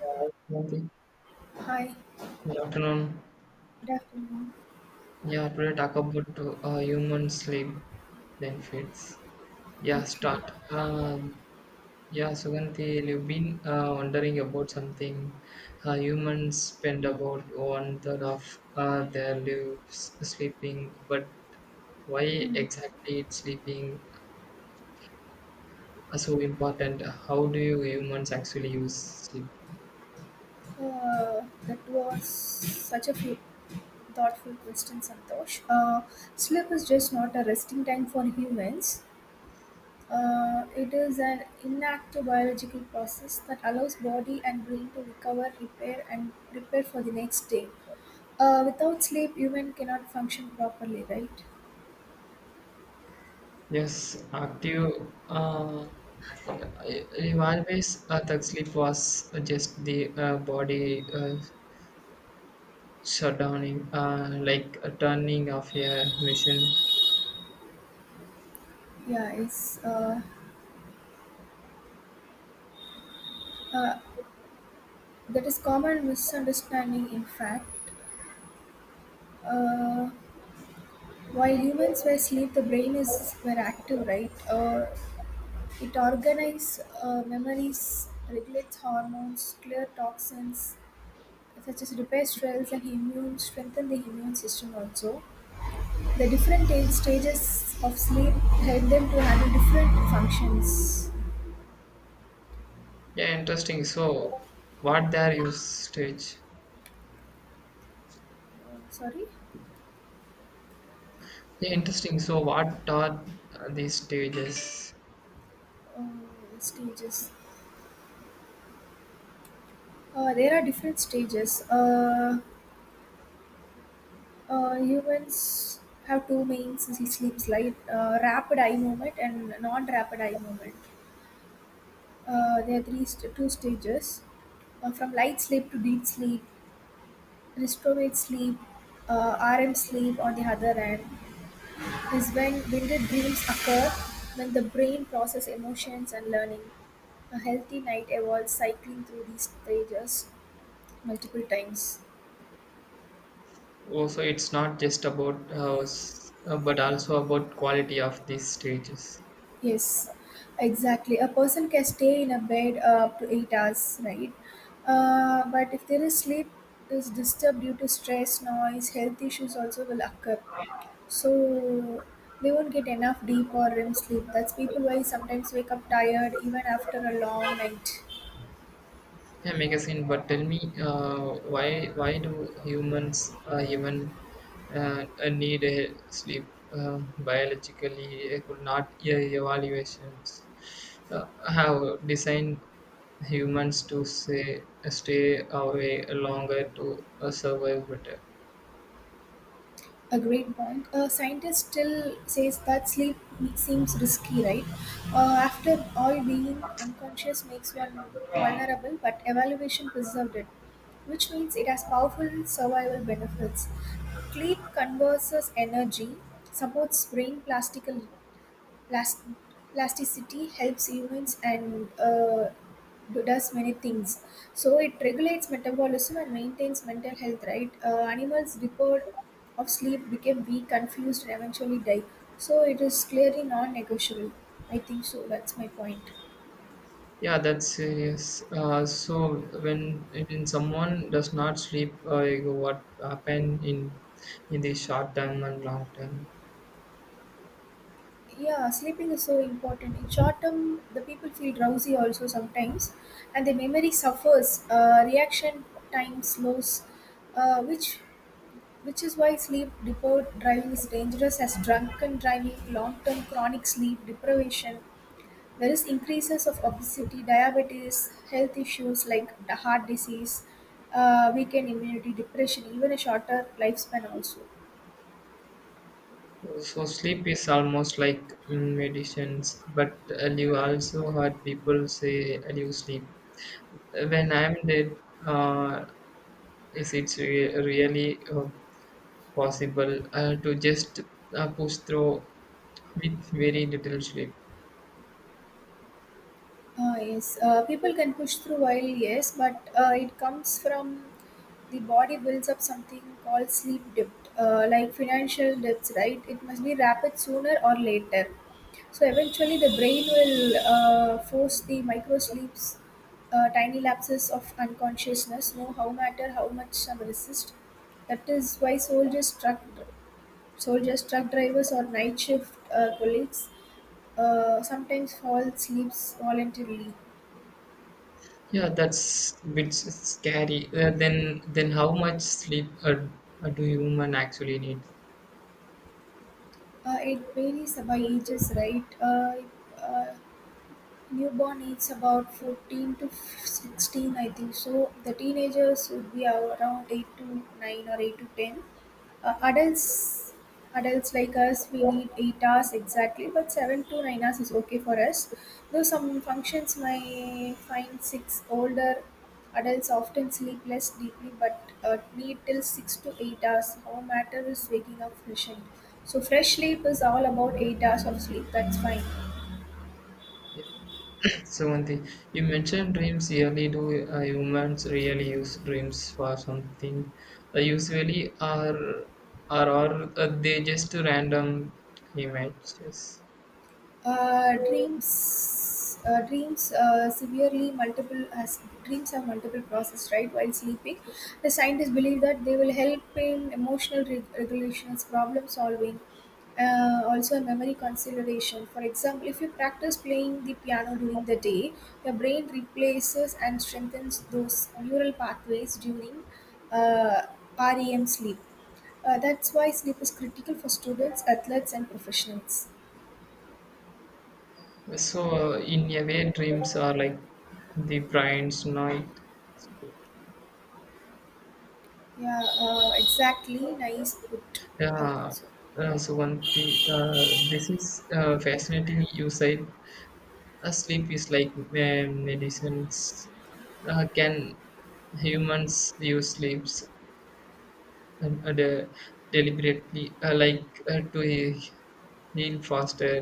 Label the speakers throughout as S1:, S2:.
S1: Yeah,
S2: Hi,
S1: good afternoon.
S2: good afternoon.
S1: Yeah, today talk about human sleep benefits. Yeah, start.
S2: Okay.
S1: Uh, yeah, Suganti, you've been wondering about something. Humans spend about one third of their lives sleeping, but why
S2: Hmm.
S1: exactly is sleeping so important? How do you humans actually use sleep?
S2: So, that was such a few thoughtful question, Santosh. Sleep is just not a resting time for humans. It is an inactive biological process that allows body and brain to recover, repair, and prepare for the next day. Without sleep, human cannot function properly, right?
S1: Yes, active. Uh, I've always thought sleep was just the body shutdowning, like a turning of a machine.
S2: Yeah, it's uh, that is common misunderstanding. In fact, uh, while humans were asleep, the brain is were active, right? It organizes memories, regulates hormones, clear toxins, such as repair cells and immune strengthen the immune system. Also, the different age, stages of sleep help them to handle different functions.
S1: Yeah, interesting. So, what there you stage?
S2: Sorry,
S1: Yeah, interesting. So, what are these stages?
S2: stages. There are different stages. Humans have two main sleep slide, rapid eye movement and non rapid eye movement. There are two stages from light sleep to deep sleep, restorative sleep, RM sleep on the other hand is when vivid dreams occur when the brain process emotions and learning. A healthy night evolves cycling through these stages multiple times.
S1: Also, it's not just about but also about quality of these stages.
S2: Yes, exactly. A person can stay in a bed up to 8 hours, right? But if their sleep is disturbed due to stress, noise, health issues also will occur. So they won't get enough deep or REM sleep. That's people why sometimes wake up tired even after a long night.
S1: A magazine, but tell me, uh, why do humans even need a sleep. Um Biologically could not evaluations uh, have designed humans to say, stay away longer to survive better.
S2: A great point. A scientist still says that sleep seems risky, right? After all, being unconscious makes one vulnerable, but evaluation preserved it, which means it has powerful survival benefits. Sleep converses energy, supports brain plasticity, last, elasticity helps humans and does many things. So it regulates metabolism and maintains mental health. Right? Animals deprived of sleep became weak, confused, and eventually die. So it is clearly non-negotiable. I think so. That's my point.
S1: Yeah that's yes So when when someone does not sleep, uh, what happen in in the short term and long term?
S2: Yeah, sleeping is so important. In short term, the people feel drowsy also sometimes, and the memory suffers. Reaction time slows, uh, which which is why sleep deprived driving is dangerous as drunken driving. Long term chronic sleep deprivation, there is increases of obesity, diabetes, health issues like the heart disease, weakened immunity, depression, even a shorter lifespan also.
S1: So sleep is almost like, medicines, but you also heard people say, you sleep when I'm dead. uh, is it really possible to just push through with very little sleep?
S2: Ah, yes, people can push through while yes, but it comes from the body builds up something called sleep debt, like financial debts, right? It must be rapid sooner or later. So eventually, the brain will force the micro sleeps, tiny lapses of unconsciousness. No, how matter how much some resist. That is why soldiers, truck drivers, or night shift colleagues sometimes fall sleeps voluntarily.
S1: Yeah, that's a bit scary. Then how much sleep do human actually need?
S2: It varies by ages, right? Uh, Newborn is about 14 to 16, I think. So the teenagers would be around 8 to 9 or 8 to 10. Uh, adults, adults like us, we need 8 hours exactly, but 7 to 9 hours is okay for us. Though some functions may find 6 older adults often sleep less deeply but need till 6 to 8 hours. Our matter is waking up fresh. And so fresh sleep is all about 8 hours of sleep. That's fine.
S1: 70. You mentioned dreams. Really, do humans really use dreams for something? Usually, are they just random images?
S2: Dreams severely multiple has dreams have multiple process, right? While sleeping the scientists believe that they will help in emotional regulations, problem solving, also memory consideration. For example, if you practice playing the piano during the day, your brain replaces and strengthens those neural pathways during uh, rem sleep. That's why sleep is critical for students, athletes and professionals.
S1: So, in a way, dreams are like the brain's night.
S2: Yeah, exactly. Nice put. I think
S1: Yeah,
S2: so.
S1: so one the this is fascinating. You said sleep is like medicines. Can humans use sleeps and deliberately, like to heal faster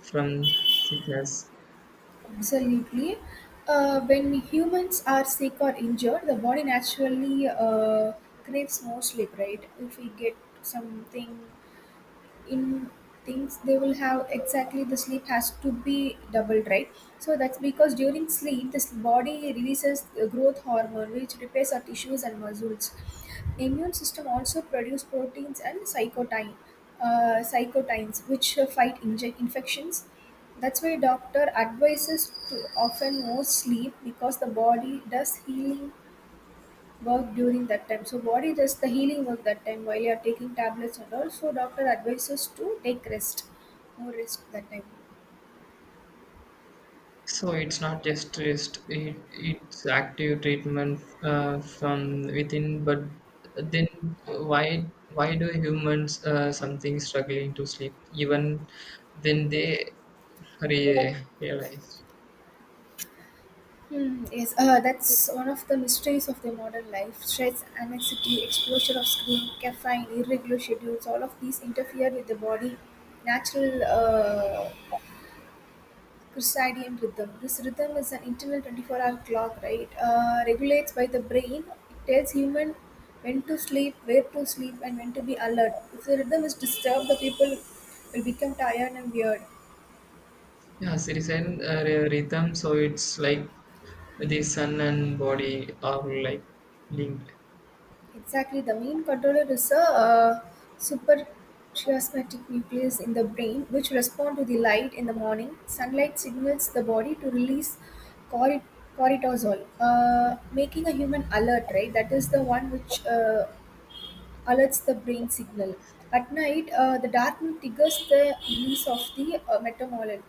S1: from sickness?
S2: Absolutely. When humans are sick or injured, the body naturally craves more sleep, right? If we get something in things they will have exactly, the sleep has to be doubled, right? So that's because during sleep this body releases the growth hormone which repairs our tissues and muscles. Immune system also produce proteins and cytokines, which fight infections. That's why doctor advises to often more sleep because the body does healing work during that time. So body does the healing work that time while you are taking tablets and all. So doctor advises to take more rest that time.
S1: So it's not just rest, it's active treatment from within. But then, why do humans something struggling to sleep even then they realize.
S2: Hmm, yes, that's one of the mysteries of the modern life. Stress, anxiety, exposure of screen, caffeine, irregular schedules, all of these interfere with the body natural circadian rhythm. This rhythm is an internal 24-hour clock, right? Regulates by the brain. It tells human when to sleep, where to sleep, and when to be alert. If the rhythm is disturbed, the people will become tired and weird.
S1: Yeah, circadian rhythm. So it's like the sun and body are like linked.
S2: Exactly. The main controller is a suprachiasmatic nucleus in the brain, which respond to the light in the morning. Sunlight signals the body to release cori- cortisol, making a human alert. Right. That is the one which. Alerts the brain signal. At night, the darkness triggers the release of the melatonin,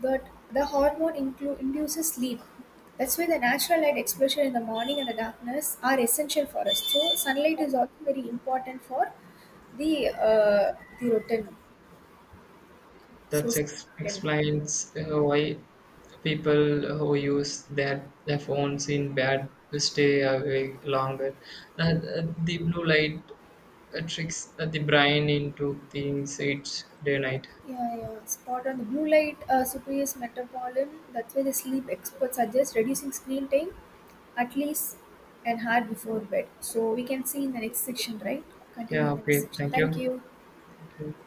S2: but the hormone induces sleep. That's why the natural light exposure in the morning and the darkness are essential for us. So sunlight is also very important for the uh, the routine. So
S1: That
S2: routine.
S1: explains why people who use their phones in bed stay awake longer. The blue light tricks the brain into things it's day night.
S2: Yeah, yeah, spot on. The blue light superiors metabolin. That's why the sleep experts suggest reducing screen time at least an hour before bed. So we can see in the next section, right? Continue
S1: Yeah,
S2: in the next
S1: okay,
S2: section.
S1: thank
S2: Thank
S1: you.
S2: you.
S1: Thank you.